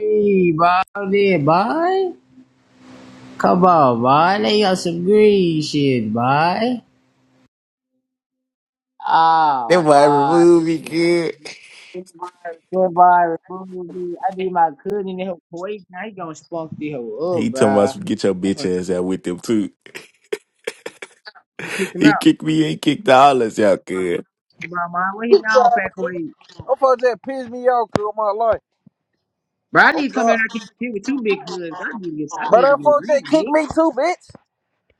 Hey, bye, there, bye. Come on, bye. They got some green shit, bye. Ah, That why bye, remove this me, shit. kid. Goodbye, remove me. I need my cousin to help Kuwait. Now he gonna spunk the hoe He up, talking about bruh. some get your I'm bitch finna try ass out with them too. to kick him He out. kicked me and he kicked all us out, kid. Come on, Where he now, Fat Kuwait? Them folks that pissed me off through my life. Bro, I Oh need to come down God. here and get with you, big hood. I need to get, I But need to them get folks rid, that kicked bitch. me too, bitch.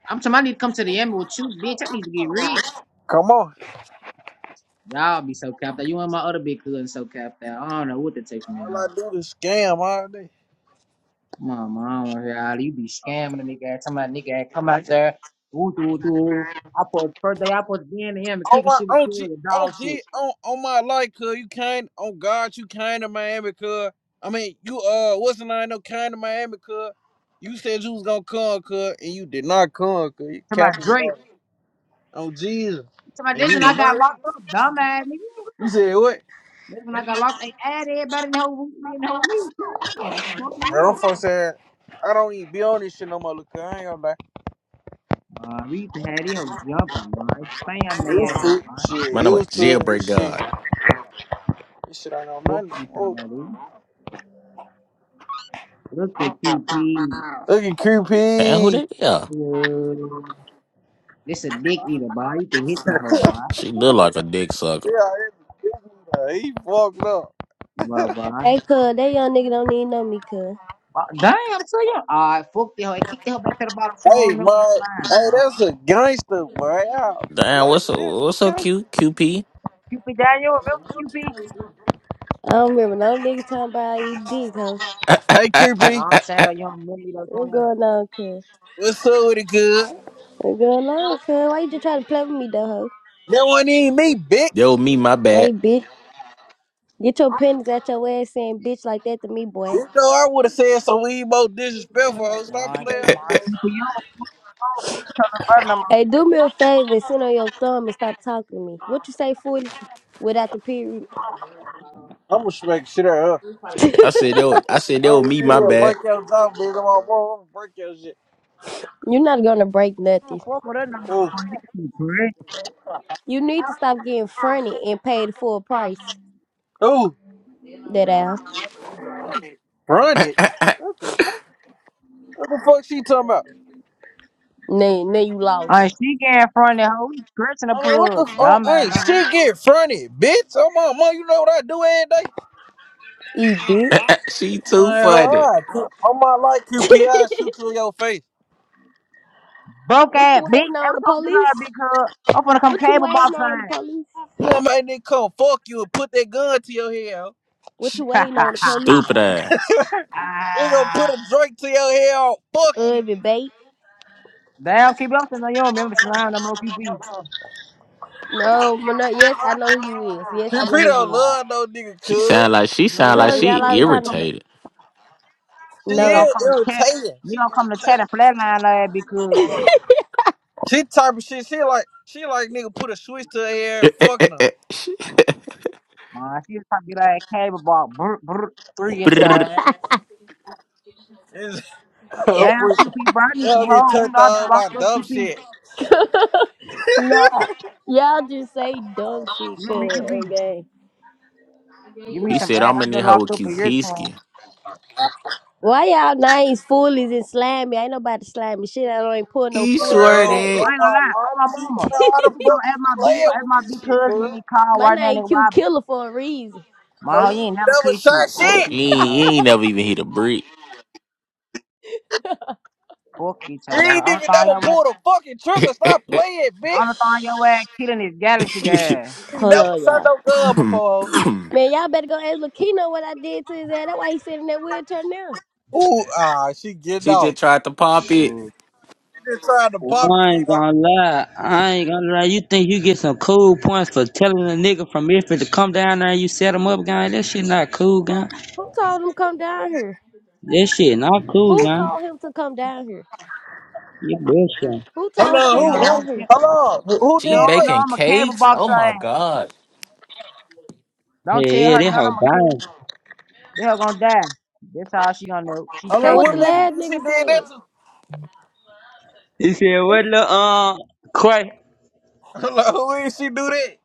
I'm talking, I need to come to the end with you, bitch. I need to get rid. Come on. Y'all be so capped out. You and my other big cousin so capped out. I don't know what to take from All y'all. I do is scam all day. My mama, y'all, you be scamming a nigga. Every time a nigga act come out there, ooh, doo, doo. I put first day I put to be into him and On kicking shit my with on G cool with on dog shit. G on, on my life, cuz you came on God, you came to Miami, cuz. I mean, you uh wasn't I no came to Miami, cuz. You said you was gonna come, cuz, and you did not come, cuz. You To my capping Drake, about on Jesus. to my And this, you, and I did got not. locked up, dumbass nigga. you said what? This when I got locked, they add everybody in the whole room, in the whole meeting. Or smoking Bro, them look. folks said I don't even be on this shit no more, look, I ain't gonna lie. Uh, we used to have these hoes jumping, man. Spam they Used ass, to man. shit, Man, I'm a used to it. jailbreak This shit, guy. this shit ain't no Fuck nothing. you, Oh, somebody. Look at you, P. look at Damn, who QP. that? Yeah, Uh, this a dick eater, boy. You can hit the hoe, boy. she, she look like a dick sucker. Yeah, he fucked up. Boy, boy. Hey, cuz, that young nigga don't need no me, cuz. Uh, dang, I'm still young. I fucked the hoe. I kicked the hoe back to the bottom. She Hey, don't remember man. the time, Hey, man. that's a gangster, boy. Y'all Damn, Lucky, what's so that's a what's so gangster. cute, QP? Cupid Daniel, remember Cupid? I don't remember no nigga talking about how you dick, hoe. Hey, No, QP. I'm saying that you don't remember me, though, Tony. What's All going on, cuz? What's up with it, good? What's going on, cuz? Why you just try to play with me, though, hoe? That wasn't even me, bitch. That was me, my bad. Hey, bitch. Get your pennies out your ass saying bitch like that to me, boy. You know I would have said some emo disrespectful. Ho. Stop right, playing come with me, on, ho. Cupid, you don't fuck with me, cause her number. Hey, do me a favor and sit on your thumb and stop talking to me. What you say, fully? Without the period. I'm gonna smack shit out of her. I said yo, I said I that was don't me, really my wanna bad. break your dog, bitch. I'm gonna break your shit. You're not gonna break You nothing. don't fuck with her number Ooh, for this shit, correct? You need to stop getting fronted and pay the full price. ooh, That out. run it. What the? What the fuck she talking about? Now, now you Uh, lost. she get in front of the hoe, scratching the I'm like, what the f- plug, oh, dumbass hey, hoe. she get fronted, bitch. Oh my mom, you know what I do every day? Eat dick. she I'm too like, funny. oh, I, on my life, QPI, shoot you in your face. Broke What ass you bitch. waiting on Every the time you like a police? big hood, I'm gonna come What you cable waiting box on the police? You know, man, nigga come fuck you and put that gun to your head. ho. What Sh- you on. waiting on the police? stupid ass. We gonna Ah, put a drink to your head. ho. Fuck you. Urban bait? Damn, Cupid, I'm saying that you don't remember the slime no more, Cupid. No, but no. Yes, I know who you is. Yes, I QP know who don't you is. love no nigga, She cuz. sound like she sound Good, like Cause it y'all she cool. always Nigga, I'm trying to. coming irritated. She Nigga No. gonna is come to chat. irritating. Nigga She gonna come to chat irritating. and flatline her ass because She type of shit. She like, she like nigga put a switch to her hair, fucking her. man, she was trying to get her ass cable box brr, brr, three into her. ass. It's, Damn, Freak. QP, bro, I need some Y'all get hoes. You turned know I've been on by locked up, dumb QP. shit. No. Y'all just say dumb shit. You hear me, Cause QP? okay. Give me He some said, ass. I'm in I've there been hoe with locked up for years, twin. I Pisky. Why y'all names foolies and slimy? Ain't nobody slimy shit. I don't even pull no He foolie on swear Bro, nothing. that. oh ain't gonna my lie. lord, Oh my she mama, know how the you fuck gonna she add my B? You playing gonna add with my B this shit, cousin? cuz. and He call My right now, name nigga. Q Why? Killer for a reason. My Oh, hoe, you you ain't never never kiss shot shit. Fuck shit. He you, talk ain't, he about. ain't never even hit a brick. hoe. Fuck you, talk You about. ain't hoe. Only even thing never your ass, pulled a fucking trigger. Stop playing, bitch. only thing your ass killing is Galaxy guy. You Hold never on, shot y'all. no gun before. Man, y'all better go ask Lakino what I did to his ass. That's why he sitting in that wheelchair now. ho. Ooh, ah, she getting she off. just tried to pop it. Oh, She just trying to Oh, pop it, I kiddo. ain't gonna lie. I ain't gonna lie. You think you get some cool points for telling a nigga from Memphis to come down there and you set him up, gang? That shit not cool, gang. Who told him come down here? That shit not cool, Who gang. told him to come down here? You bullshit. Who Hold told him on, she come who, don't who, know. down She, here? hold on, who who she She did don't that? know baking I'm a cable cakes? boxer. Oh my eh? God. Don't tell Hey, yeah, her that none of hoe my cats. dying. they are gonna die. That's how she gonna know. She Hold That on, what tasting what the this Memphis shit. lad nigga she nigga did that said. to? He said, what the, uh, Quay? Hold on, who is she do that?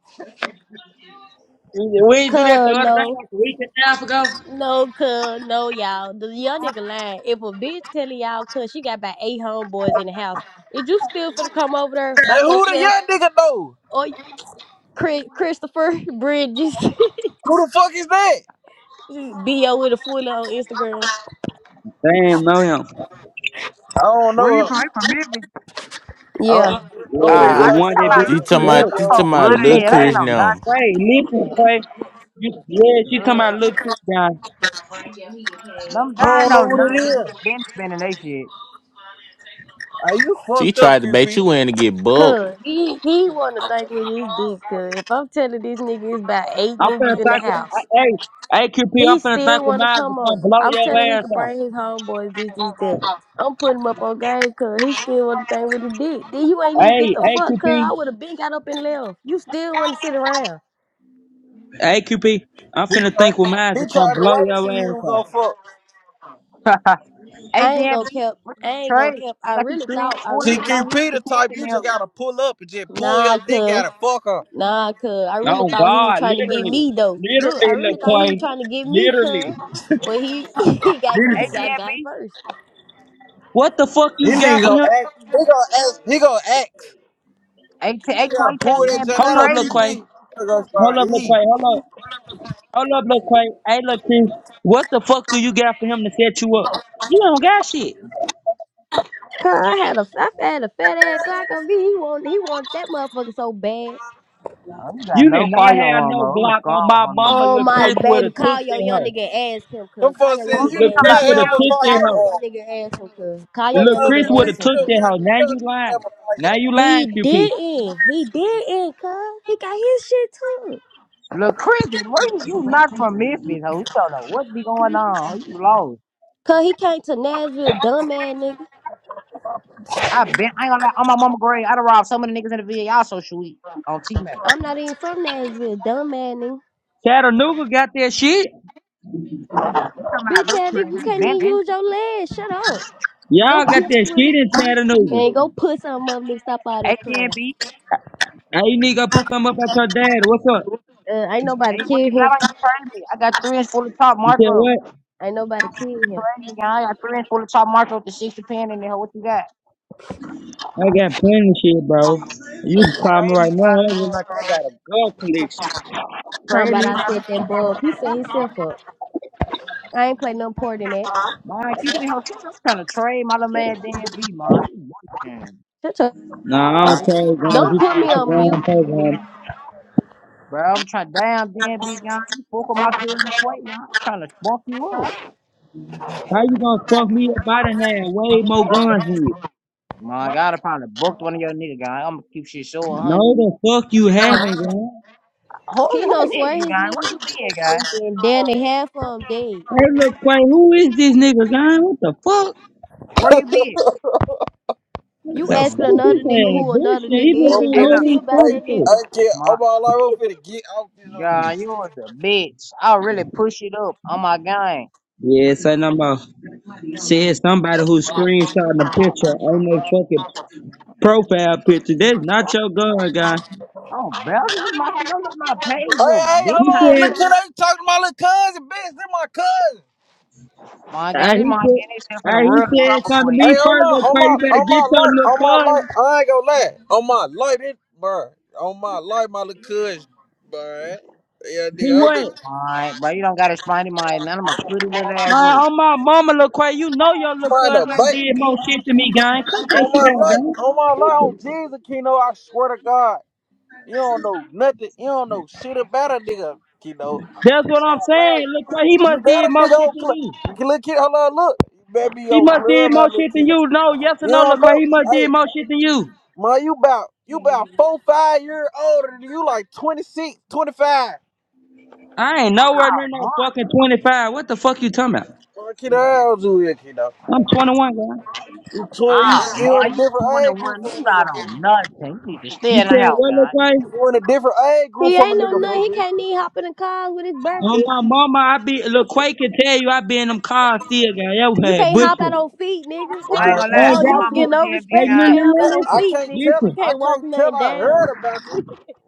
He said, We ain't do that Cuz the other day, no. like a week and a half ago. No, cuz no, y'all. The young nigga lying. If a bitch telling y'all cuz she got about eight homeboys in the house, is you still finna come over there by Like, who the yourself young nigga know? or Chris, Christopher Bridges Who the fuck is that? B.O. with a fool on Instagram? Damn, know him. I don't Where you know. from? You from Memphis? I Yeah. don't, Yeah, I'm finna I the ain't Ah. search one talking that about be, You little talking Chris your now. look, about, Look you name. talking folk about look, butt in lil' look, here. They ain't Quay. Chris no now. Quay, listen, Quay. You, yeah, she talking nothing, dude. about look cute, guy. Them I dying don't know know what it nothing. is. We been spending that shit. Are you She fucked up, tried to bait QP? you in to get booked. Cuz he, he wanna think with his dick, cuz if I'm telling this nigga it's about eight I'm finna niggas in the thank you. house. Hey, hey, QP, He I'm finna thank still you, want to Miles to come come over. blow I'm telling your he ass could off. bring his homeboys, this, this, that. I'm putting him up on game, cuz he still want to thing with his dick. Then you ain't even get Hey, the hey, fuck, cuz I QP, would have been got up and left. You still want to sit around. hey, QP, I'm finna thank with Miles He to tried come to blow wait to your see who ass was off. gonna fuck. I ain't ADMB, gonna kept, what I you ain't gonna trade? kept. I I got you really three and thought, I forty. See, really What you thought he, keep QP the the pins type in you there? just gotta pull up and just pull your nah, dick out cuz, and fuck her. nah, cuz. I really Oh thought he was God, trying to get literally, me, though. Look, I literally, Lil really thought he was Quay, trying to get me, literally. cuz. But he, he got, he got ADMB, got first. What the fuck You you nigga got for gonna him? act. He gonna ask. He gonna act. You just gotta pull that junk out Hold on up, trade Lil me. QP. Quay. He gonna Hold start up, Lil E. Quay. Hold up, hold up, Lil Quay. Hey, Lil Quay, what the fuck do you got for him to set you up? You don't got shit. Cuz I had a, I had a fat ass Glock on me. He want, he want that motherfucker so bad. Oh, you got You did no not have firearm, no oh. I'm a Glock strong on my arm. Who mama, Oh Lil my Chris would baby, have took call your it, young huh? nigga and ask him, Them cuz. Call folks your young said nigga you talking Look, did and ask Chris about? him. not would B have have a took that Call your hoe. firearm. young nigga and ask him, cuz. I'm Call gonna your young Look, tell nigga Chris QP and would ask have him, took still cuz. that got hoe. Now you to have lying. a Now firearm. you He lying, QP. didn't. He didn't, cuz. He got his shit too. Look, Christian, where you, you not from Memphis, ho? You don't know what be going on. You lost. Cuz he came to Nashville, dumb ass nigga. I been, I ain't gonna lie, on my mama grave, I done robbed so many niggas in the VA, I so sweet on T-Mac. I'm not even from Nashville, dumb ass nigga. Chattanooga got that shit. You talking about, Bitch look, ass Chris, nigga, you we can't been even use your legs. Shut up. Go Y'all got get that with him. shit in Chattanooga. And go put some up, nigga. Stop all that eight damn crying. Now you need to go put some up at your dad. What's up? Uh, ain't nobody Hey, what kill you him. got on your frame? I got three inch full of top You said Marco. what? Ain't nobody kill him. Trade me, guy. I got three inch full of top Marco with the 60 pin in there. What you got? I got plenty of shit, bro. You can call me Trade right me, now. brother. I look like I got a gun collection. Talking Trade about me, brother. I set that boy up. He set himself up. I ain't play no part in that. Man, QP Hotel, I'm trying to trade my little man damn B, man. You bullshitting. Shut up. Nah, I don't carry guns. Don't You put talking me to the on wrong mute. person. Bro, I'm trying damn damn big young. You fuck with my cousin plate, young. I'm trying to bump you up. How you gonna fuck me up? I done had way more guns than you. My God, I probably booked one of your nigga guy. I'm gonna keep shit so a hundred. No, the fuck you haven't, guys. Who Keno who is swear you his guy? Where niggas like you been, that guy? for me, and then they half of them dead. Hey, look, Quay, who is this nigga, guy? What the fuck? Where you been? You The don't fuck asking another is nigga that who another bullshit? He just I'm nigga is? don't Hey Go know look, what see finna- he's about talking that Hey, to. nigga. I can't. my I'm all like, I'm finna get out this hoe. God, you was a bitch. I'll really push it up on my gang. Yeah, say I'm about said somebody who screenshotting the picture on their fucking profile picture. That's not your gun, guy. Oh, bro, this is my shit. Don't look at my page, Hey, you hey, He bitch hold on. tired said, Look, can nigga. I talk to my little cousin, bitch? They're my cousin. My uh, God, this he my getting said, himself in the uh, he world of said trouble, something to queen. Hey, me on my, first, look, on my, Quay, you better on get my your life, little on my life, cousin. I ain't gonna lie. On my life, it, bruh. On my life, my little cuz, bruh. Yeah, He nigga, I'm what? just Alright, bro, you don't gotta explain to my none of my pretty little ass My, rules. on my mama, look, Quay, you know your little trying to cousin I did bait. more shit to me, guy. Cut that On shit my out, life, guy. on my life, What the on Jesus, Kino, I swear to God. You don't know nothing, you don't know shit about a nigga, Kino. On That's what my I'm saying. life, Look, he You must did better more nigga shit on than club. you. Look, kid, hold on, look. You better be He on must did club, how more little shit than Kino. you. No, yes or You no, don't look, know. he must Hey, did more shit than you. Man, you about you about four, five year older than you like twenty six, twenty five? I ain't nowhere near Oh, no fucking 25. What the fuck you talking about? 25. Man, kiddo, how old you is, kiddo? I'm 21, guy. You 20, you, Oh, Ma, you in a you different age group 21. from a You nigga. got fool. on nothing. You need to stay You in the said house, what, Lil guy. Quay? You in a different age group He from a ain't no nigga, fool. nothing. He can't even hop in the car with his bare On feet. my mama, I be look, Quay can tell you I be in them cars still, guy. That was You had can't hop out bushing. on I feet, nigga. What I you? ain't Man, gonna I lie. Oh, ain't you On got my don't get to. mama no DMV, Hey, respect. You li- guy. can't li- hop li- out on I listen, feet, can't nigga. tell You listen, I can't walk can't tell nothing I down. heard Nigga. about you.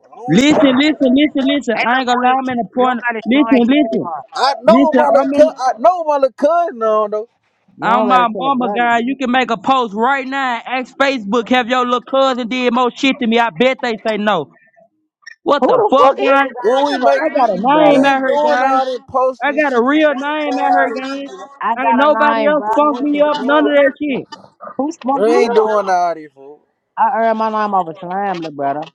I don't listen, know. listen, listen, listen. Hey, I look, ain't gonna Queen. lie, I'm in a You don't point. gotta explain Listen, shit to me, Mom. listen. I know what Listen, my I'm little in. cou- I know what my little cousin on though. You don't On gotta my tell him mama, nothing. guy, you can make a post right now. and Ask Facebook, have your little cousin did more shit to me? I bet they say no. What Who the the fuck, fuck is guys? you, guy? I When we never make I heard of got a you, we name brother. out ain't here, doing guys. all this post I this got a shit, man. We real ain't name doing out all here, this shit, man. I guys. Ain't got a nobody name, else brother. fucked What me the up, none fuck? of that shit. Who smoked We me ain't up? doing all this, fool. I earned my name off a slam, little brother.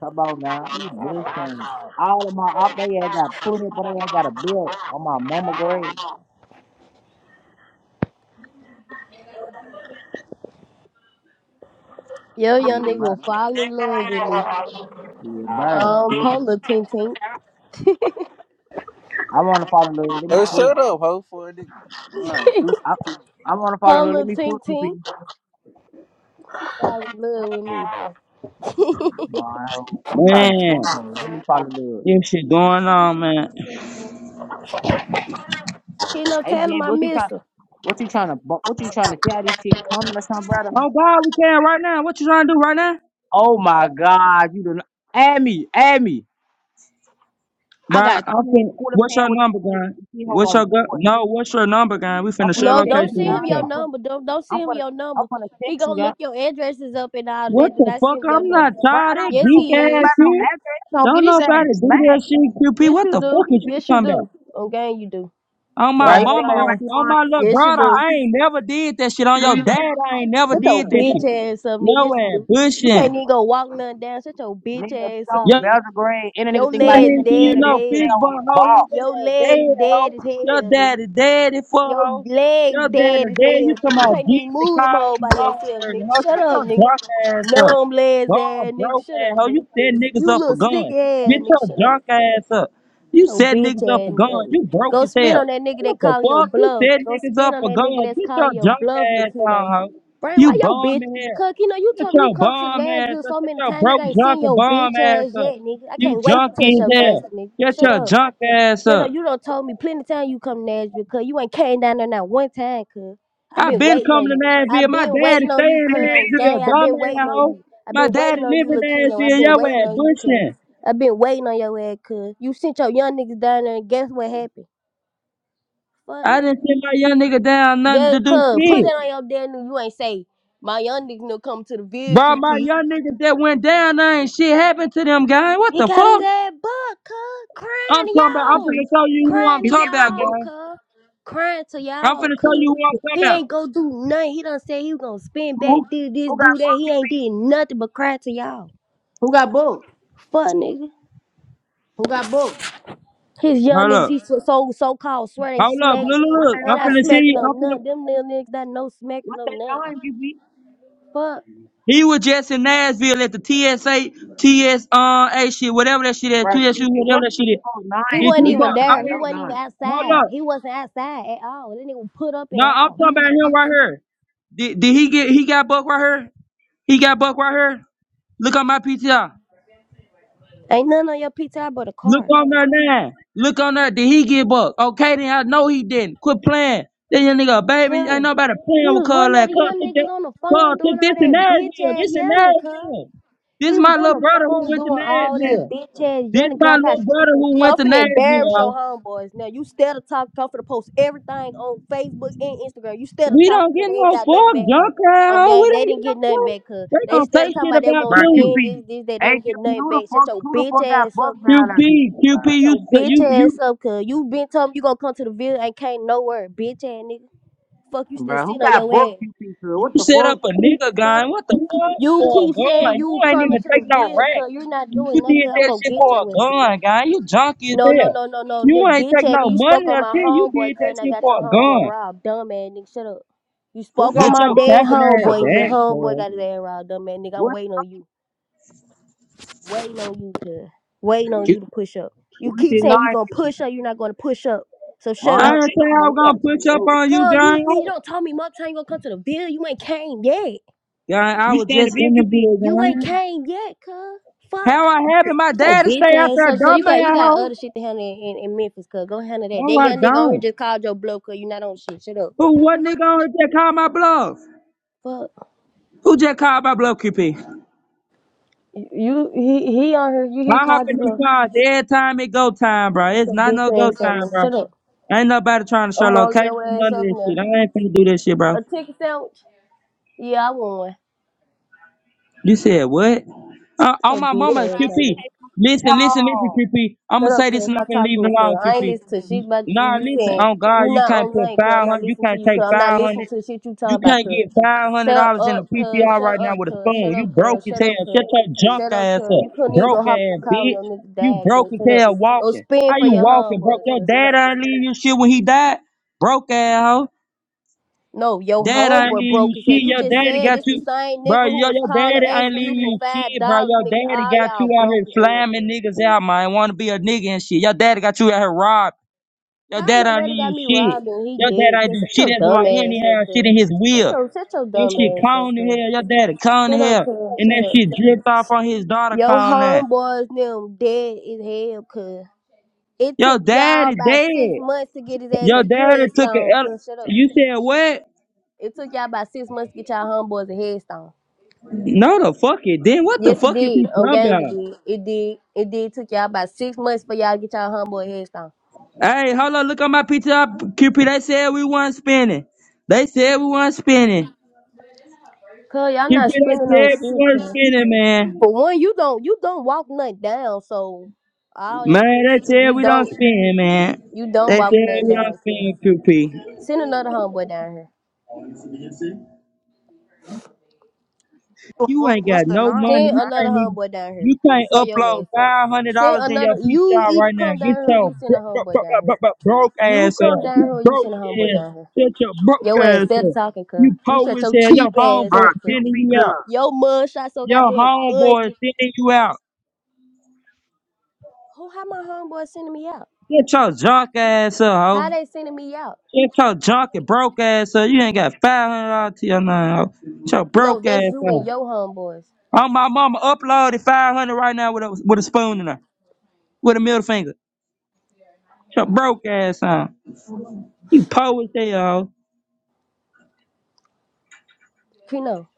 Come on, guy. You bullshitting. All of my up they had got put up, but they ain't got a bill on my mama grave. Yo, young Yeah, nigga bruh. will fall in love with me. Yeah, bruh. Um, Shit. Polo Ting Ting. I want to fall in love. with Hey, me shut up, ho, for a nigga. I I wanna follow Lil. Let Polo me pull Ting you please. Ting. Fall in love with me. Wow, I'm trying to full Man, code. Let me follow Lil. this shit going on, man. He no Hey telling him James, I what you miss trying? him. What you trying to? What you trying to tell this shit coming or something, brother? Oh God, we can right now. What you trying to do right now? Oh my God, you done add me, add me. I Bro, got I'm three and fin- quarter what's pan your with number, you. guy? See how What's gonna your do gu- it. no? What's your number, guy? We I'm finna gonna share No, text don't location you send with him guys. each your I'm other. gonna, number. Don't don't I'm send him gonna, your I'm number. gonna He text you gonna guys, look your addresses up and all What that. Do the not fuck? send him your I'm not number. bro. I tired don't of that give Yes, no geek fuck he ass is. about no shit. address. No, get Don't his ass nobody do smacked, that shit, QP. Yes, What you the do. fuck is you Yes, you talking about? do. Okay, you do. On Put bro. my all You that think mama, I'm worried about on, line. your on mind? my little Yes, you brother, Ah, do. I ain't never did that shit. On your nigga, dad, I ain't never Shut nigga. your did that bitch shit. ass up, nigga. Yes, Yo you ass do. You can't bushing. even go walk nothing down. Shut your bitch Nigga, ass so up, nigga. Belgian grade, and a nigga Your think And about him legs at then the you end dead of as this, know, and they hell. don't get Fishbone, ho, bought. his Your ass legs dead, dead hoe. as Your hell, nigga. daddy dead it for Your ho. legs Your dead daddy as dead. You hell, nigga. come You out can't even Jesus move them call whole by him home, yourself, nigga. hoe. Shut Shut up, your nigga. drunk ass up. Numb legs Gone ass, nigga. broke Shut ass, up, ho. You nigga. set niggas You up for little sick guns. ass, Get nigga. your Shut up. drunk ass up. You So set bitch niggas up ass. for guns. nigga. You broke Go as spin hell. on that nigga that What the calling your fuck? You bluff. set Go niggas spin up on for that nigga guns. that's Get your calling your drunk bluff, ass Latino. on, hoe. Brian, You why your bitch? bum in here. Cause you know you Shut told me you your come to bomb ass Nashville up. so Shut many your times, nigga. broke I ain't junk seen and your bomb bitch ass ass yet, up. nigga. I You can't wait to junkie test as your gangster, hell. nigga. Get Shut your up. junk ass Shut up, up. you don't told me plenty of time you come to Nashville, cuz you ain't came down there not one time, cuz. i i been been waiting on coming to you. i Nashville. My been daddy waiting on you, staying in cuz. On gang, Nashville, i dumb been waiting ass on hoe. you. i My been daddy waiting on live you, in Lakino. i Nashville. Yo been waiting ass on you, cuz. bushing. i been waiting on your ass, cuz. You sent your young niggas down there, and guess what happened? Fuck, I nigga. didn't send my young nigga down nothing Yeah, to do cuz. Put shit. that on your damn new. You ain't say, my young niggas no come to the Bro, my VQP. young niggas that went down there ain't shit happened to them, guys. What He the got his fuck? ass butt, cuz. Crying I'm talking to Who about, I'm can y'all. finna be, show you who Crying I'm to if talking you about, got y'all, booked, guys. cuz. Crying to I'm y'all, finna show cuz. you who I'm He talking ain't gonna do nothing. He done said he was gonna spin back, who, do this, who got, do that. He ain't did nothing but cry to y'all. who got booked? Fuck nigga. Who got booked? His about. young Hold niggas, up. he so so so called swear they Hold up, Who, look, smacking. look, what they look. Ain't I'm I nine? finna smacking see. I'm on finna. nothing. Them little niggas that no smacking What no they nothing. nine, QP? Fuck. He was just in Nashville at the TSA, TS, uh, A shit, whatever that shit is, Bro, TSU, QP, whatever what's that the shit is. oh He nine? Did wasn't Cause you you even got buck? I there. somebody, He mean, no wasn't even nine. outside. hold up. He wasn't outside at all. That nigga was put up in No, the I'm house. talking about him right here. Did, did he get? He got buck right here. He got buck right here. Look on my PTR. Ain't nothing on your PTI but a Look car. on there now. Look on there. Did he get bucked? Okay, then I know he didn't. Quit playing. Then your nigga, a baby, ain't Cuz nobody playing he with was Cuz one of like the Cuz young took niggas that. on the phone Cuz doing took all this in that bitch Nashville. ass This in yelling, cuz. Nashville. He This was my on little the brother who phone went to doing all that Nashville. bitch ass This yelling, cuz my I got little brother who went to cuffing and Nashville. embarrass your ho. homeboys. Now you still to talk cuffing to post everything on Facebook and Instagram. You still to We talking don't cause get they ain't no got nothing fuck, back to junk ass. ho. Okay, We they don't didn't get no get nothing fuck. back, cuz. They They gonna say still talking shit about they were about gonna Bro, you. spend this, QP. this, that. They Hey, ain't get QP, nothing who the back. Shut fuck, your who the bitch fuck got ass up, booked now, cuz. that QP, QP? QP, Shut you, your s- bitch you, you ass up, cuz. You been telling me you gonna come to the village and can't nowhere, bitch ass nigga. Fuck, you still Bro, who sitting on got your booked, ass. QP, cuz? You What the set up fuck? a nigga Fuck. gun. What the fuck You for a keep saying gun? You you ain't coming even to take the no bill, rack. cuz you're not You doing that, did cuz I'm that gonna shit get for a your ass, cuz. gun, guy. You junkie as No, no, hell. no, no, no, You nigga, ain't bitch take ass no nigga, you spoke money on or my shit. You homeboy, did cuz, that and I shit got for your a homeboy gun. robbed, dumb ass nigga, shut up. You Who spoke on got Get my your booked, dead bro? capping ass homeboy, Y'all and your back, that homeboy man. got his bullshit. ass robbed, dumb ass nigga, I'm What, waiting on you. Waiting on you, cuz. Waiting on Q- you to push up. You what is keep the nine, saying you gonna QP? push up, you're not gonna push up, so shut My, I up. didn't she say don't I know, was gonna you push got up on you, Cuz, guy. you, you don't tell me much time you gonna come to the bill, you ain't came yet. Guy, I You was stand to just be a in the Q P. interviewed, You ain't guy. came yet, cuz. Fuck. How I happen my What's your dad to bitch stay out ass there, up, cuz? dumb You got you man, got hoe? other shit to handle in, in, in Memphis, cuz. Go handle that. That No, I young nigga on here don't. just called your blow, cuz. You not on shit. Shut up. Who, what nigga on here just called my bluff? Fuck. Who just called my bluff, QP? You he he on here. You I he hop called your in them blow. cars every time it go time, bro. It's Your not bitch no go ass up, time, man. bro. Shut up. Ain't nobody trying to show I'm rolling location, your ass none of up this now. shit. I ain't finna do that shit, bro. A ticket sandwich? Yeah, I want one. You said what? Uh, Get your on my bitch All mama, the ass vibes up, and man. QP. take them. Listen, listen, listen, No. QP. I'm gonna Shut up, say cuz. this and I'm Stop finna talking leave to it me, cuz. alone, I ain't listening to QP. shit about you. Nah, You listen, saying on God, you you not can't on put nothing, cuz. I'm not 500, you listening to can't you, cuz. take I'm not 500. listening to the shit you talking You about, can't cuz. get five hundred Shut dollars in a up, cuz. PTR Shut right now up, with a cuz. Shut spoon. You up, broke cuz. as Shut up, hell. cuz. Shut your junk Shut up, ass cuz. You up, couldn't even broke go hop in the ass car when bitch. your nigga You died, broke cuz. as Shut up. hell Go walking. spin How for you your walking, homeboy, broke? Your cuz. Shut dad up. ain't leave you shit when he died. Broke ass hoe. No, your Dad ain't homeboy leave broke you his head. shit. You Your just daddy said got it's the you, same nigga bro. who Your was your calling daddy ain't asking you leave for you five shit, bro. dollars, Your nigga. daddy All got you y'all out broke here his head, cause. slamming niggas out, man. Want to be a nigga and shit. Your daddy got you out here robbed. Your How dad my ain't daddy got leave you me shit. robbed and he Your dad dead? ain't do Cause such shit your as dumb like he ain't ass even up have shit here. in his Shut will. your, shut your That dumb shit ass up cold in here. hell. Your daddy cold in Shut up, hell. cuz. And Shut that up. shit dripped off on his daughter Your calling that. homeboys them dead as hell, cuz. It Your took y'all daddy about six dead. months to get his ass a Your daddy took an headstone, L. cuz. Shut up. You said what? It took y'all about six months to get y'all homeboys a headstone. No, the fuck it. Then what the Yes, it fuck is did. you On talking gang, it did. It did. It did. took y'all about six months for y'all to get y'all homeboy a headstone. about? Hey, hold on. Look on my PTR. QP, they said we weren't spinning. They said we weren't spinning. Cuz, y'all QP, not they spending on said we shit, weren't cuz. spinning, man. For one, you don't you don't walk nothing down, so all that Man, good they shit, said you we don't don't spin, man. you don't They walk nothing said we down. don't Cause spin, QP. send another homeboy down here. Who the You fuck? ain't What's got the no name? money. Send You another can't even. homeboy down here. You can't Show your upload ass up. five hundred Send dollars in your another. You PTR either right now. come down Get here or your you send bro- a bro- homeboy bro- bro- down bro- here. bro- broke You ass come up. down You here or you broke send a homeboy ass. down here. Get your broke Your ass ass instead up. talking, cuz You you poor shut as your hell. Your cheap ass Bro, homeboy up, cuz sending QP you out. good. your mud shot so Your goddamn homeboy ugly. sending you out. Who how my homeboy sending me out? Get your junk ass up, How ho. they sending me out? Get your junk and broke ass up. You ain't got five hundred dollars to your name, ho. Get your No, broke ass that's you up. and your homeboys. Oh my mama uploaded five hundred right now with a with a spoon in her, with a middle finger. Your broke ass on. You poor as hell. Keno,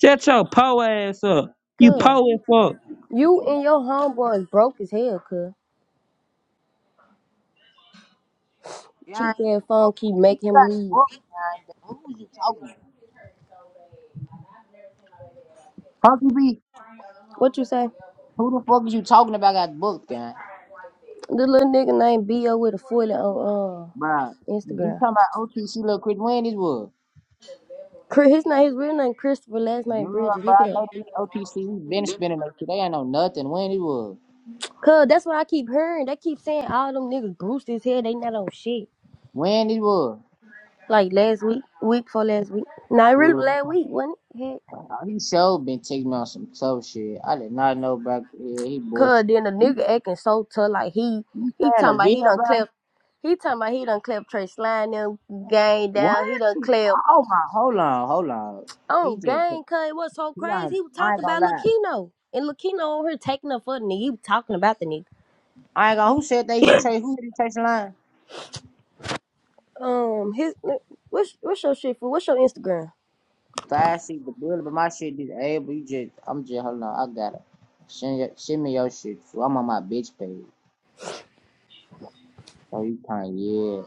Shut your poor ass up. You come. poor as fuck. You and your homeboy is broke as hell, cuz. Yeah, Cheap who ass the phone fuck? keep Who you making him got leave. booked? Gang? Who was you talking about? How you What you say? Who the fuck is you talking about got booked, guy? The little nigga named B.O. with a 40 on Bruh, uh, you Instagram. talking about OTC little Chris when it was? Chris, his name, his real name Christopher, last Duh, name Bridges. bro, I Look it up. know these OTC. We been spinning that shit. They ain't know nothing. When it was? Cuz that's what I keep hearing. They keep saying all them niggas bruised his head. They not on shit. When it was? Like last week, week for last week. Not really Ooh, last week, wasn't it? Heck. he sure been taking me on some tough shit. I did not know, bro. Yeah, he Cuz bullshit. then the You nigga acting so tough like he, you he staying talking a about he video, done bro? clap. He talking about he done clap Trey Slide them gang What? down. He done clap. Oh my, hold on, hold on. Oh, He just, gang, cuz it was so he crazy. ain't, He was I ain't talking gonna about lie. Lakino. And Lakino over here taking up for the nigga. He was talking about the nigga. I ain't gonna, who said that he take, who did he take the line? Um, his what's what's your shit for? What's your Instagram? Five, seat the bullet, but my shit is able. You just, I'm just, hold on, I got it. Send, your- send me your shit. fool. I'm on my bitch page. So you can yeah.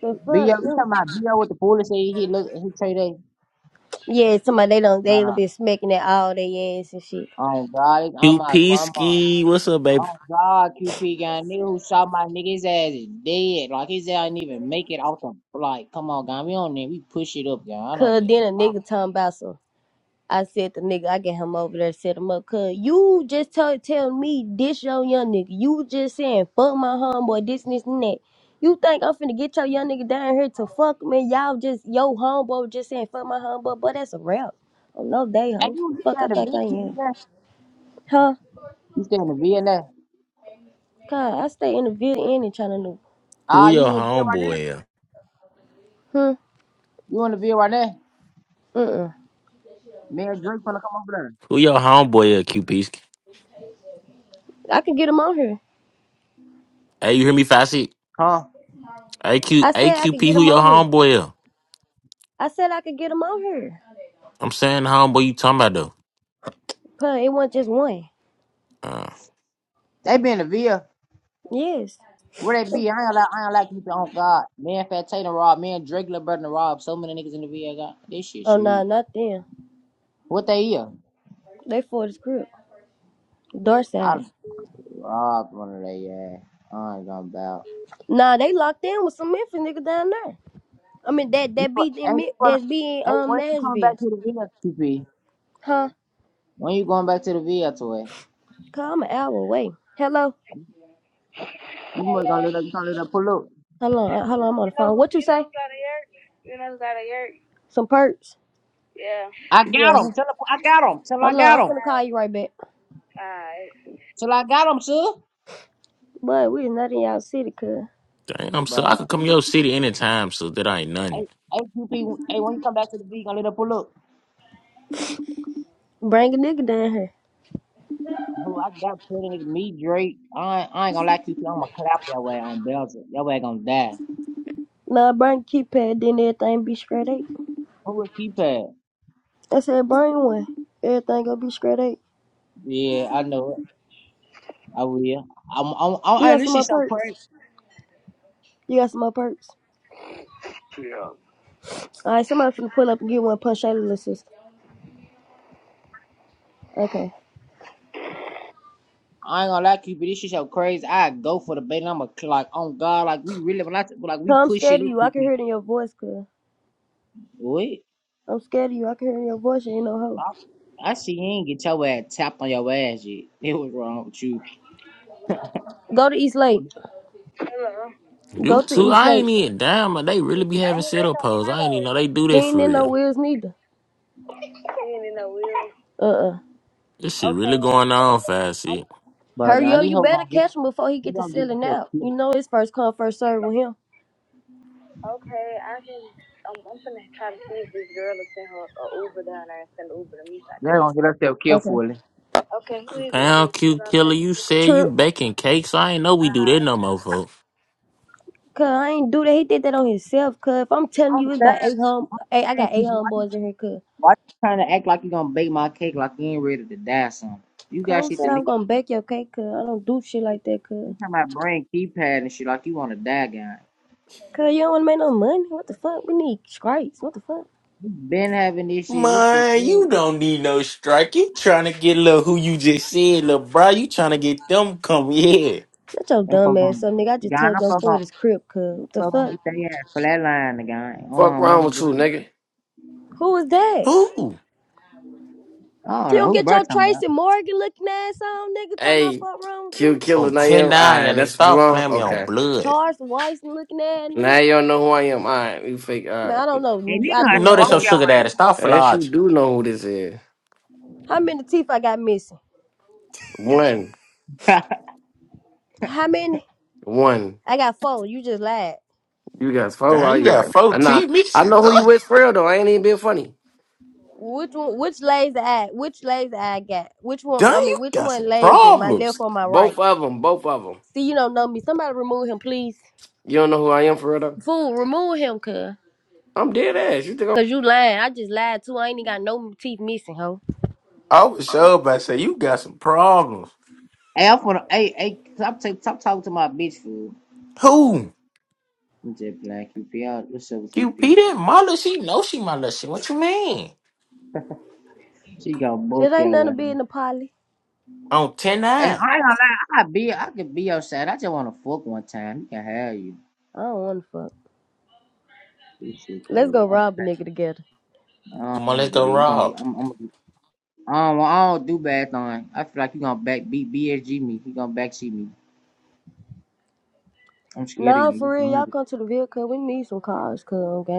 The B.O., you fuck? talking no. about B.O. with the bullet? say he look, he trade that? Yeah, somebody they don't they don't Nah, be smacking that all their ass and shit. on God, it's on Q my grandma. Pisky, what's up, baby? Oh God, QP got a nigga who shot my nigga's ass is dead. Like his ass didn't even make it out the like. Come on, guy, we don't need we push it up, guy. I don't Cause need then it. a Oh, nigga talking about some. I said the nigga, I get him over there, set him up. Cause you just tell tell me this your young nigga. You just saying fuck my homeboy, this and this and that. You think I'm finna get your young nigga down here to fuck me? Y'all just yo homeboy just saying fuck my homeboy, but that's a rap. Oh no, day Hey, hoe. you The you Fuck, I stay in the think vid, I you am. there? Huh? You stay in the vid now? God, I stay in the Ville Inn in China New. Who Ah, you your in the vid right now? homeboy is? Hmm. You in the vid right now? Uh. uh Me and Drake finna come over there. Who your homeboy is, Q Pisky? I could get him on here. Hey, you hear me, Facet? Huh? A Q I A said I Q could P. get who him your on here. homeboy is? I said I could get him on here. I'm saying the homeboy you talking about, But it wasn't just one. Uh, They be in the vid. Yes. Where they be? I ain't like I ain't like you. Oh God, me and Fat Tatum robbed. Me and Drake, Lil Brother robbed. So many niggas in the vid. God, this shit Oh nah, sweet. not them. What they here? They for the script. I Dorset. robbed one of they. Yeah, I ain't gonna bow. Nah, they locked in with some Memphis niggas down there. I mean that You that be Hey, in you Mi- that's be in hey, um when you come back Nashville, to the VFTP? huh? When you going back to the VF toy? Cause I'm an hour away. Hello, You must gonna let up, you gonna let up pull up. hold on, uh, hold on. I'm on the phone. What you say? Some perks. I Yeah. got him. Tell him I got him. Tell I Hold on, got I'm him. finna call you right back. Till I got him, sir. But we not in y'all city, cuz. dang, I'm so I Bruh. could come to your city anytime, so that ain't nothing. Hey, hey, QP. Hey, when you come back to the V, you gonna let up pull up. Bring a nigga down here. Who I got plenty nigga, me, Drake. I ain't, I ain't gonna lie, QP. am gonna clap that way on Belton. That way gonna die. Nah, bring a keypad, then everything be straight eight. Who is will I said bring one. Everything gonna be straight eight. Yeah, I know it. I will. I'm, I'm, I'm, You hey, got this some shit more so crazy. perks. You got some more perks. All right, somebody finna pull up and get one punch out of the sister. Okay. I ain't gonna lie, Cupid, this shit so crazy. I go for the bait. I'm a like, on God, like we really when I t- like we So I'm push scared it of up, you. I can Cupid. hear it in your voice, cuz. What? I'm scared of you. I can hear it in your voice. You ain't no I, hoe. I see you ain't get your ass tapped on your ass yet. It was wrong with you, Go to East Lake. You Go to too, East I Lake. ain't even damn, but they really be having sit up pose. I ain't even know they do He that for ain't in no real. wheels neither. Uh-uh. This shit really going on, fast shit. but Hurry now up. these You hoes better gonna get catch him before he they get to gonna get selling themselves out. You killed. know it's first come, first serve with him. They gonna get themselves killed Okay. for it. Pound cute killer, you said you True. baking cakes. I ain't know we do that no more, folks. Cuz I ain't do that. He did that on himself, cuz. If I'm telling I'm you, it's about eight home. Hey, I saying, got eight Cupid, why, homeboys in here, cuz. why you trying to act like you gonna bake my cake like you ain't ready to die? Something you Cuz got who shit to said I'm leave. gonna bake your cake, cuz? I don't do shit like that, cuz. You talking about brain keypad and shit like you wanna die, guy. Cause you don't want to make no money. What the fuck? We need stripes. What the fuck? You been having this shit. What the Man, fuck? you don't need no strike. You trying to get little who you just said, little bro. You trying to get them come here. Shut your Them dumb fuck ass on. up, nigga. I just God, told I'm your fucking for this crib, cuz. What the Bro, gonna fuck? get their ass flatlined again. On Fuck my wrong mama with you, girl. nigga? Who is that? Who? I don't You know don't who get your brought talking about. Tracy Morgan looking ass on, nigga. Talking about Hey, fuck wrong with Q you. Killer, On now you ten nine, alright, y'all nigga. that's what you Stop want? playing me on Okay. blood. Charles Wyson looking ass, nigga. Now you don't know who I am. Alright, you fake Man, alright. I don't Hey, know. nigga, I I You do know they not smoke so know your you. sugar daddy. ass. Stop Yes, flogging. you do know who this is. How many teeth I got missing? One. How many? One. I got four. You just lied. You guys four Damn, out you got here. four I know teeth, I Michigan. know who dog. you with for real though. I ain't even being funny. Which one? Which lazy eye? Which lazy eye I got? Which one? Damn, I you mean, which got one some lazy? My problems. left or my Both right? of them, both of them. See, you don't know me. Somebody remove him, please. You don't know who I am for real though? Fool, remove him, cuz. I'm dead ass. You think Cause you lying. I just lied too. I ain't even got no teeth missing, ho. I was sure about to say you got some problems. Hey, I'm for the. Hey, hey, stop, take, stop talking to my bitch, fool. Who? I'm just playing QP. I- What's up with QP QP? that Marla, she know she my little shit. What you mean? She gonna It book ain't nothing your to ass. be in the poly. On 109. And I ain't gonna lie, I be, I could be your side. I just wanna fuck one time. You can have you. I don't wanna fuck. This shit Let's cool. go I, rob a can- nigga together. I don't Come on, wanna let's do that. go You gonna, rob. I'm, I'm. I don't, wa- I don't do bad thing. I feel like you gonna back B, BSG me. You gonna backseat me. I'm scared of Nah, for real, you. y'all come to the vehicle, cuz we need some cars, cuz, okay?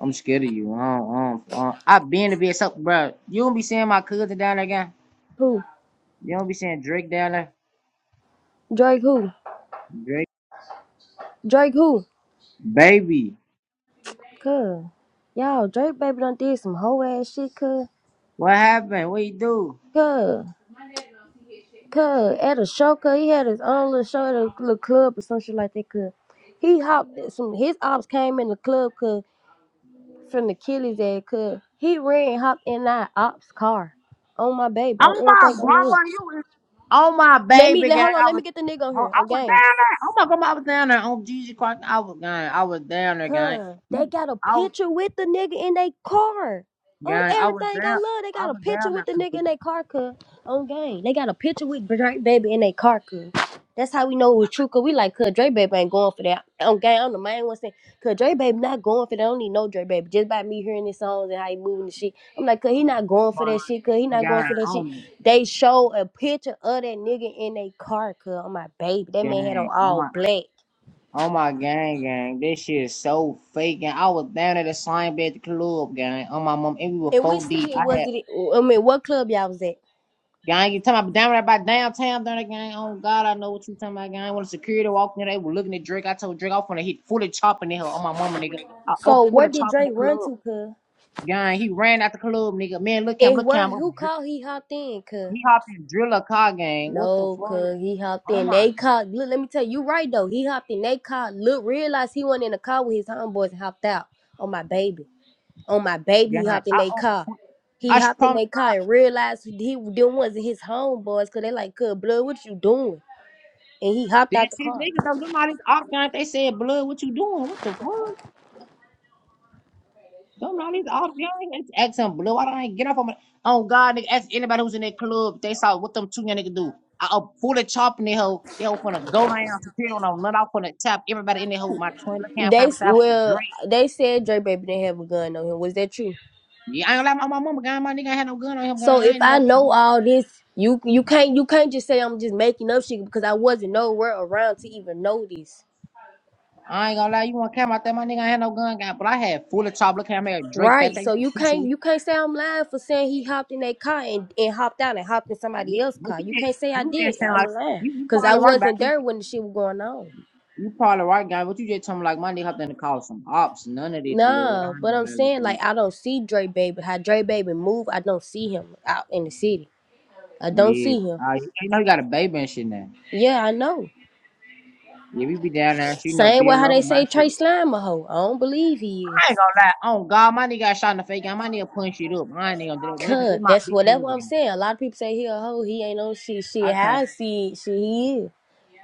I'm scared of you. I don't, I don't, I been to be so, bro. You don't be seeing my cousin down there again. Who? You don't be seeing Drake down there. Drake who? Drake, Drake who? baby, Cuz. Y'all, Drake baby done did some hoe ass shit, cuz. what happened? What you do? Cuz. Cuz. At a show, cuz. He had his own little show at a little club or some shit like that, cuz. He hopped, some, his ops came in the club, cuz. finna kill his ass cause he ran hopped in that ops car on my baby on Oh my everything I love. grandma, you. is- Oh my Let me baby, let gang. hold on, I let me was, get the nigga on I here. on I was Okay. down there. Oh my grandma, I was down there. Oh Jesus Christ, I was gang. I was down there, gang. Cuz they got a I was picture with the nigga in their car. On gang. I was everything down. I love, they I got a was down picture with there, the nigga in their car, cuz. On game. They got a picture with Drake Baby in their car, cuz. That's how we know it was true, cuz we like, cuz Drake Baby ain't going for that. On game, I'm the main one saying, cuz Drake Baby not going for that. I don't need no Drake Baby. Just by me hearing his songs and how he moving and shit. I'm like, cuz he not going for that Christ, shit, cuz he not going gang. for that shit. Oh They show a picture of that nigga in their car, cuz. On my baby. That man had on gang. Oh my. all black. Oh my gang, gang, this shit is so fake. And I was down at the same bed at the club, gang. On my mom, and we were And which four deep. city I was had it? I mean, what club y'all was at? gang. You talking about down right by downtown, down there, gang? Oh God, I know what you talking about, gang. When the security walked in, they were looking at Drake. I told Drake I was gonna hit fully chopping in hell. On my mama, nigga, I up So where fully did chopping Drake the run club, to, cuz? gang. He ran out the club, nigga. Man, look him, And look where him up. who dri- called he hopped in, cuz? He hopped in drill a car, gang. What the fuck? No, cuz he hopped Oh in. my They god, called look, let me tell you, you right though. He hopped in. They called look, realized he wasn't in the car with his homeboys and hopped out. On my baby. On my baby, gang. he I hopped in they up. car. He I should hopped in promise. their car and realized he them wasn't his homeboys, cause they like, cuz blood, what you doing? And he hopped This out the car. nigga though, them all these op guys, they said blood. What you doing? What the fuck? Don't know these off young niggas acting blue. I don't even get off on my on God nigga. Ask anybody who's in that club. They saw what them two young niggas do. I up fully chopping that hoe. They was gonna go down security on them, run off on the top. Everybody in that hoe. My twin look at They s- conversation with a well, drink. they said Drake baby didn't have a gun on him. Was that true? Yeah, I ain't gonna lie, my, my mama gun, my nigga ain't had no gun on him. Gun. So I if ain't I gonna know all this, you you can't you can't just say I'm just making up shit because I wasn't nowhere around to even know this. I ain't gonna lie, you wanna come out there, my nigga ain't had no gun, guy, but I had fully chop look at me at Drake back Right. there. You So you a piece of can't it. you can't say I'm lying for saying he hopped in that car and, and hopped out and hopped in somebody Yeah, else's What car. you You did? can't say I You did. just sound I'm like lying. you, you Cause I probably right back wasn't there. there when the shit was going on. You probably right, guy, but you just tell me like my nigga hopped in the car with some ops, none of this blood. I Nah, ain't but gonna I'm let it saying be. like I don't see Dre Baby. How Dre Baby move, I don't see him out in the city. I don't Yeah. see him. Uh, you you know you got a baby and shit now. Yeah, I know. Yeah, we be down there, and shit, you know Same way beer how they road, my say shit. Trey Slime a hoe. I don't believe he I is. ain't gonna lie. Oh God, my nigga got shot in the face. I my nigga punched it up. I ain't even gonna do that. This, this Cud, my that's bitch what who that's live what I'm saying. A lot of people say he a hoe. He ain't no shit. Shit, again. how I see it, shit, he is.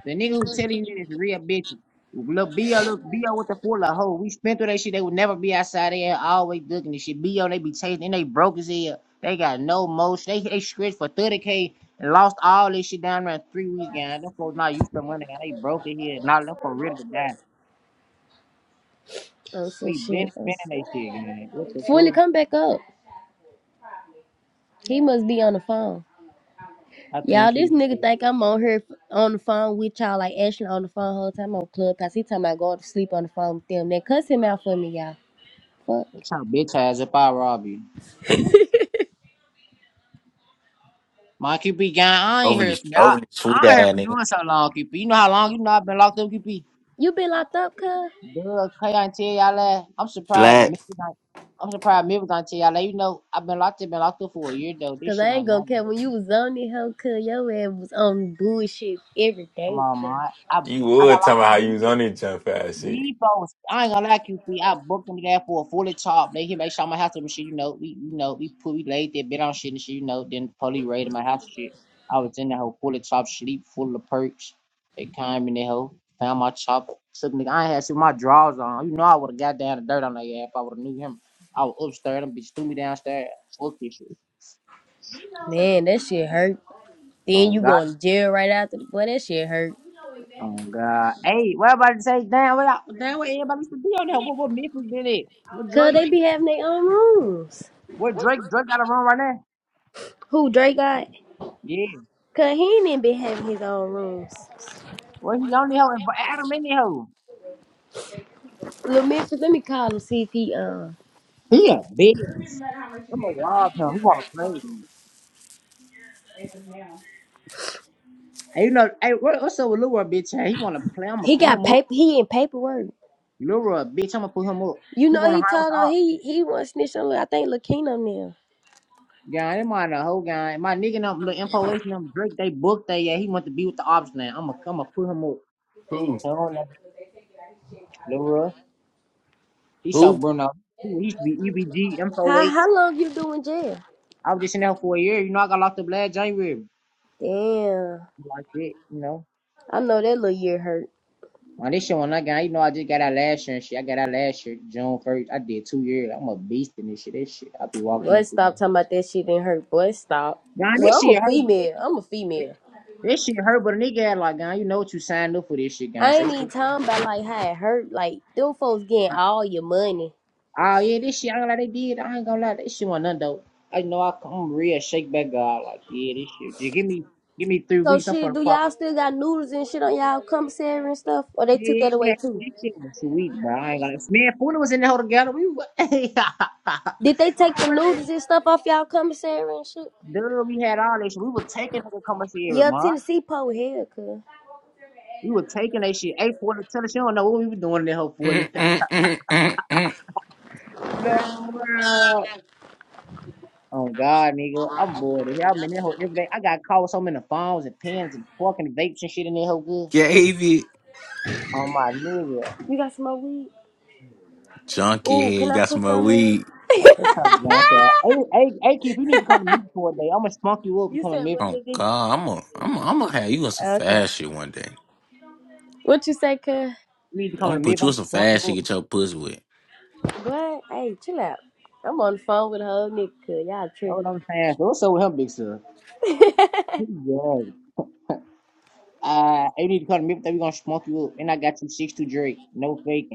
The nigga who telling you that is real bitches. Look, B.O. Look, B.O. with the full of hoe. We spent through that shit. They would never be outside there always looking and shit. B.O. They be chasing and they broke his head. They got no motion. They they stretched for 30K and lost all this shit down around three weeks. Gang. Them folks not used to money. Gang. They broke his head. Now them folks ready to die. Oh, some We shit. been Oh, spending that shit, gang. What the Fully fuck? come back up. He must be on the phone. I think Y'all, this you nigga think I'm on here on the phone with y'all, like Ashley on the phone the whole time on Clubhouse. He talking about going to sleep on the phone with them. Then cuss him out for me, y'all. Fuck. That's how bitch ass if I rob you. My QP gang, I ain't Overly heard from overly y'all. sweet I ain't heard ass from nigga. you in so long, QP. You know how long you know I've been locked up, QP? You been locked up, cuz? Girl, Kay, I tell y'all that. I'm surprised. Slack. Mary not- I'm surprised Mary gonna tell y'all that. You know, I've been locked up, been locked up for a year though. This Cause shit I ain't ain't my gonna care day. when you was on it, hoe, cuz your ass was on bullshit every Come day, on, cuz. man. I You I got would talking locked about how up this you year. was on that jump fast shit. Debo, I ain't gonna lie, QP. I booked him there for a fully top. They here make sure my house and shit. You know, we you know we put we laid there, bit on shit and shit. You know, then the police raided my house and shit. I was in that whole fully top sleep, full of perks. They came in that hoe, found my chop, took nigga. I ain't had shit with my drawers on. You know, I would have got down the dirt on that ass if I would have knew him. I was upstairs, them bitch threw me downstairs. Fuck this shit. Man, that shit hurt. Then Oh you God, going to jail right after. Boy, that shit hurt. oh God. Hey, what about to say? Damn, what? I- Damn, what everybody used to be on there? What? What Memphis did it? What Cause Drake? they be having their own rooms. What Drake? Drake got a run right now? Who Dre got? Yeah. Cause he ain't even been having his own rooms. Well, he on the hoe and add him in the hoe. Lil Memphis, let me call him see if he uh He a bitch. I'm gonna rob him. He wanna play. Hey, you know, hey, what, what's up with Leroy, bitch? Hey, he wanna play. I'm gonna he pull got him up. paper. He in paperwork. Leroy, bitch, I'm gonna pull him up. You He know wanna he hide with the told her ops. he he want snitch on. Lil- I think Lil Lakino now. Yeah, they mind the whole guy. My nigga, and them, the information, them Drake, they booked that. Yeah, he want to be with the ops now. I'm gonna, I'm gonna pull him up. Who? Hell no, Leroy. He saw Who? Bruno. He he used to be EBG, info How 8. how long you doing jail? I was just in there for a year. You know, I got locked up last January. Damn, Like that, you know. I know that little year hurt. Man, this shit when I got, you know, I just got out last year and shit. I got out last year, June first. I did two years. I'm a beast in this shit. This shit, I be walking Boy, in through. stop them. talking about that shit didn't hurt. Boy, stop. Nah, this Well, I'm shit a hurt, but female. this, I'm a female. this shit hurt. But a nigga had like, God, you know what you signed up for this shit, God. I So you ain't even just, talking about like how it hurt. Like them folks getting all your money. oh yeah, this shit. I ain't gonna lie, they did. I ain't gonna lie, this shit wasn't nothing though. I know I come real shake back God. Like, yeah, this shit. Just give me, give me three So weeks. I'm for shit, the do pop. y'all still got noodles and shit on y'all commissary and stuff? Or they Man, took we that away had- too? this shit was sweet, bro. I ain't gonna. Man, Funa was in the hole together. We. was- Did they take the noodles and stuff off y'all commissary and shit? Dude, we had all that shit. We were taking her to commissary, Yeah, man. Tennessee pole here, cuz. We were taking that shit. Eight forty tell her she don't know what we were doing in that whole forty. Mm, mm, mm, mm, mm. Lord. Oh God, nigga. I'm bored of here. I'm in that whole every day. I got caught with so many phones and pens and fucking vapes and shit in that whole good. Gave it. Oh my nigga. You got some more weed? Junkie Ooh, head. can You I got some put more some in? weed. That's how drunk that. Hey, hey, hey, Keith, you need to come to me for a day. I'm gonna spunk you up and You come to said me. one Oh nigga. God, I'm gonna I'm gonna I'm gonna have you on some Okay. fast shit one day. What you say, cuz? You need to I'm come gonna to me put if you I'm in gonna some spunk fast you shit. up. Get your pussy with. What? Hey, chill out. I'm on the phone with a whole nigga, cuz. Y'all That's tripping. what I'm saying. So what's up with him, big sir? He's gay. Uh, hey, you need to come to me if we're gonna spunk you up. And I got you six to Drake. No faking.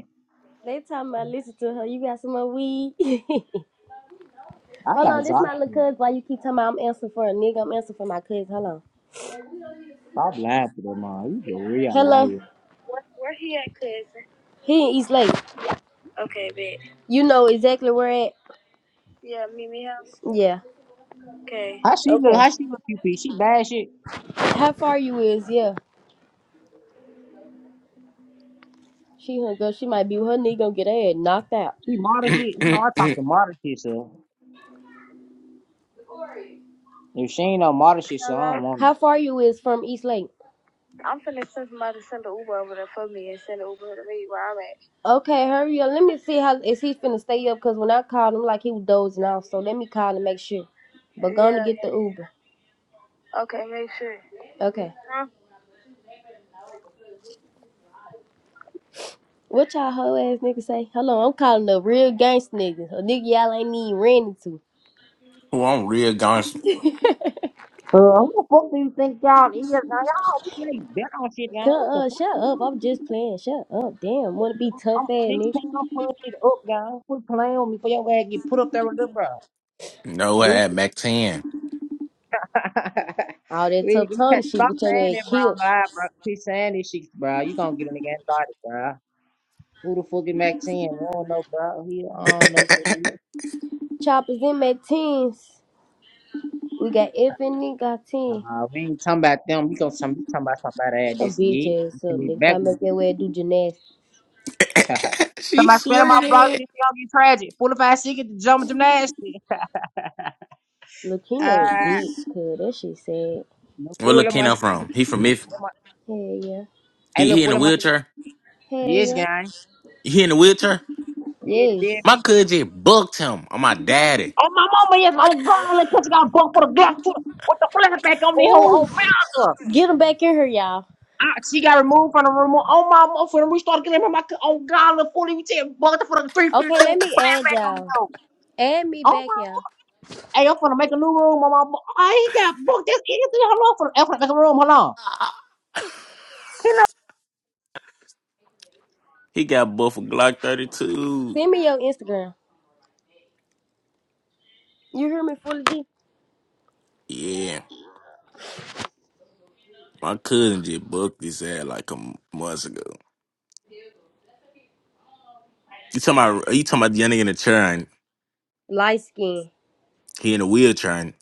They talking about listen to her. You got some more weed? I Hold got on, this my little Zachi. cuz. Why you keep talking about I'm answering for a nigga? I'm answering for my cuz. Hold on. Stop laughing at that man. He's a real Hello. liar. He in East Lake. You know exactly where at? Yeah. How she look? Okay. How she look? QP? She bad shit. How far you is? Yeah. She hung up. She might be her knee gonna get her head knocked out. She modern shit. You know I talk to modern shit, so if she ain't no modern shit, so I don't want How far you is from East Lake? Okay, hurry up. Let me see how is he finna stay up? Cause when I called him, like he was dozing off. So let me call and make sure. But gonna get the Uber. Okay. What y'all hoe ass niggas say? Hello, I'm calling the real gangsta niggas. A nigga y'all ain't even ran into. Who I'm real Johnson. her. Uh, who the fuck do you think y'all is? Now y'all we play bet on shit, guys. Come What the uh, fuck? shut you up. want? I'm just playing. Shut up. Damn, wanna be tough ass I'm nigga. 16. I'm putting shit up, guys. Quit playing with me for your ass get put up there with the bro. No, I Dude, had Mac Ten. All that we tough you tongue can't shit stop get your saying ass that, bro. I'm killed. live, bro. Keep saying this shit, bro. You gonna get a nigga started, bro. Who the fuck is Maxine? We don't know, bro. He I don't know. who he Choppers in my teens. We got F and Nick got 10. Nah, we ain't talking about them. We gonna some- we talking about somebody at A this bitch year. You ass up, can be nigga. If I backward. make your way do gymnastics. she Somebody spit swear my block that. and it's gonna get tragic. Full of ass sick at the jump gymnastics. Look, he Uh, no bitch, cuz that shit sad. no Where fool look of my Keno thing. from? He from if Hell yeah. I he, look he in full a of my thing. wheelchair. Hell Yes, yeah. guy. He in a wheelchair. Dead, dead My beat. Yes. cousin just booked him on my daddy. oh my mama, yes, I'm gonna let touch you got bunk for the Glock. too. What the flashback on the whole on Oh, founder? get him back in here, y'all. I, she got removed from the room. Oh my motherfucker! We started getting him my on God the forty. We take bugged for the three Okay, fifty let with a me add flashback on the y'all. door. Add me Oh back, my! y'all. Hey, I'm gonna make a new room. My mama, I ain't got booked. That's anything. Hold on, for I'm finna make a room. Hold on. He got buffed for Glock 32. Send me your Instagram. You hear me, Fully G? Yeah. My cousin just booked his ass like a month ago. You talking about you talking about the young nigga in the chair and Light skin. he in a wheelchair and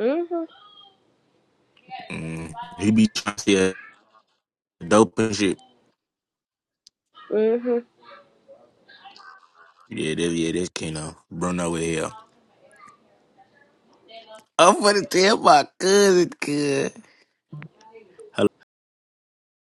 Mm-hmm. mm, he be trying to sell dope and shit. Mm-hmm. Yeah, that, yeah, that's Keno. Bruno with hell. I'm gonna tell my cousin, cuz.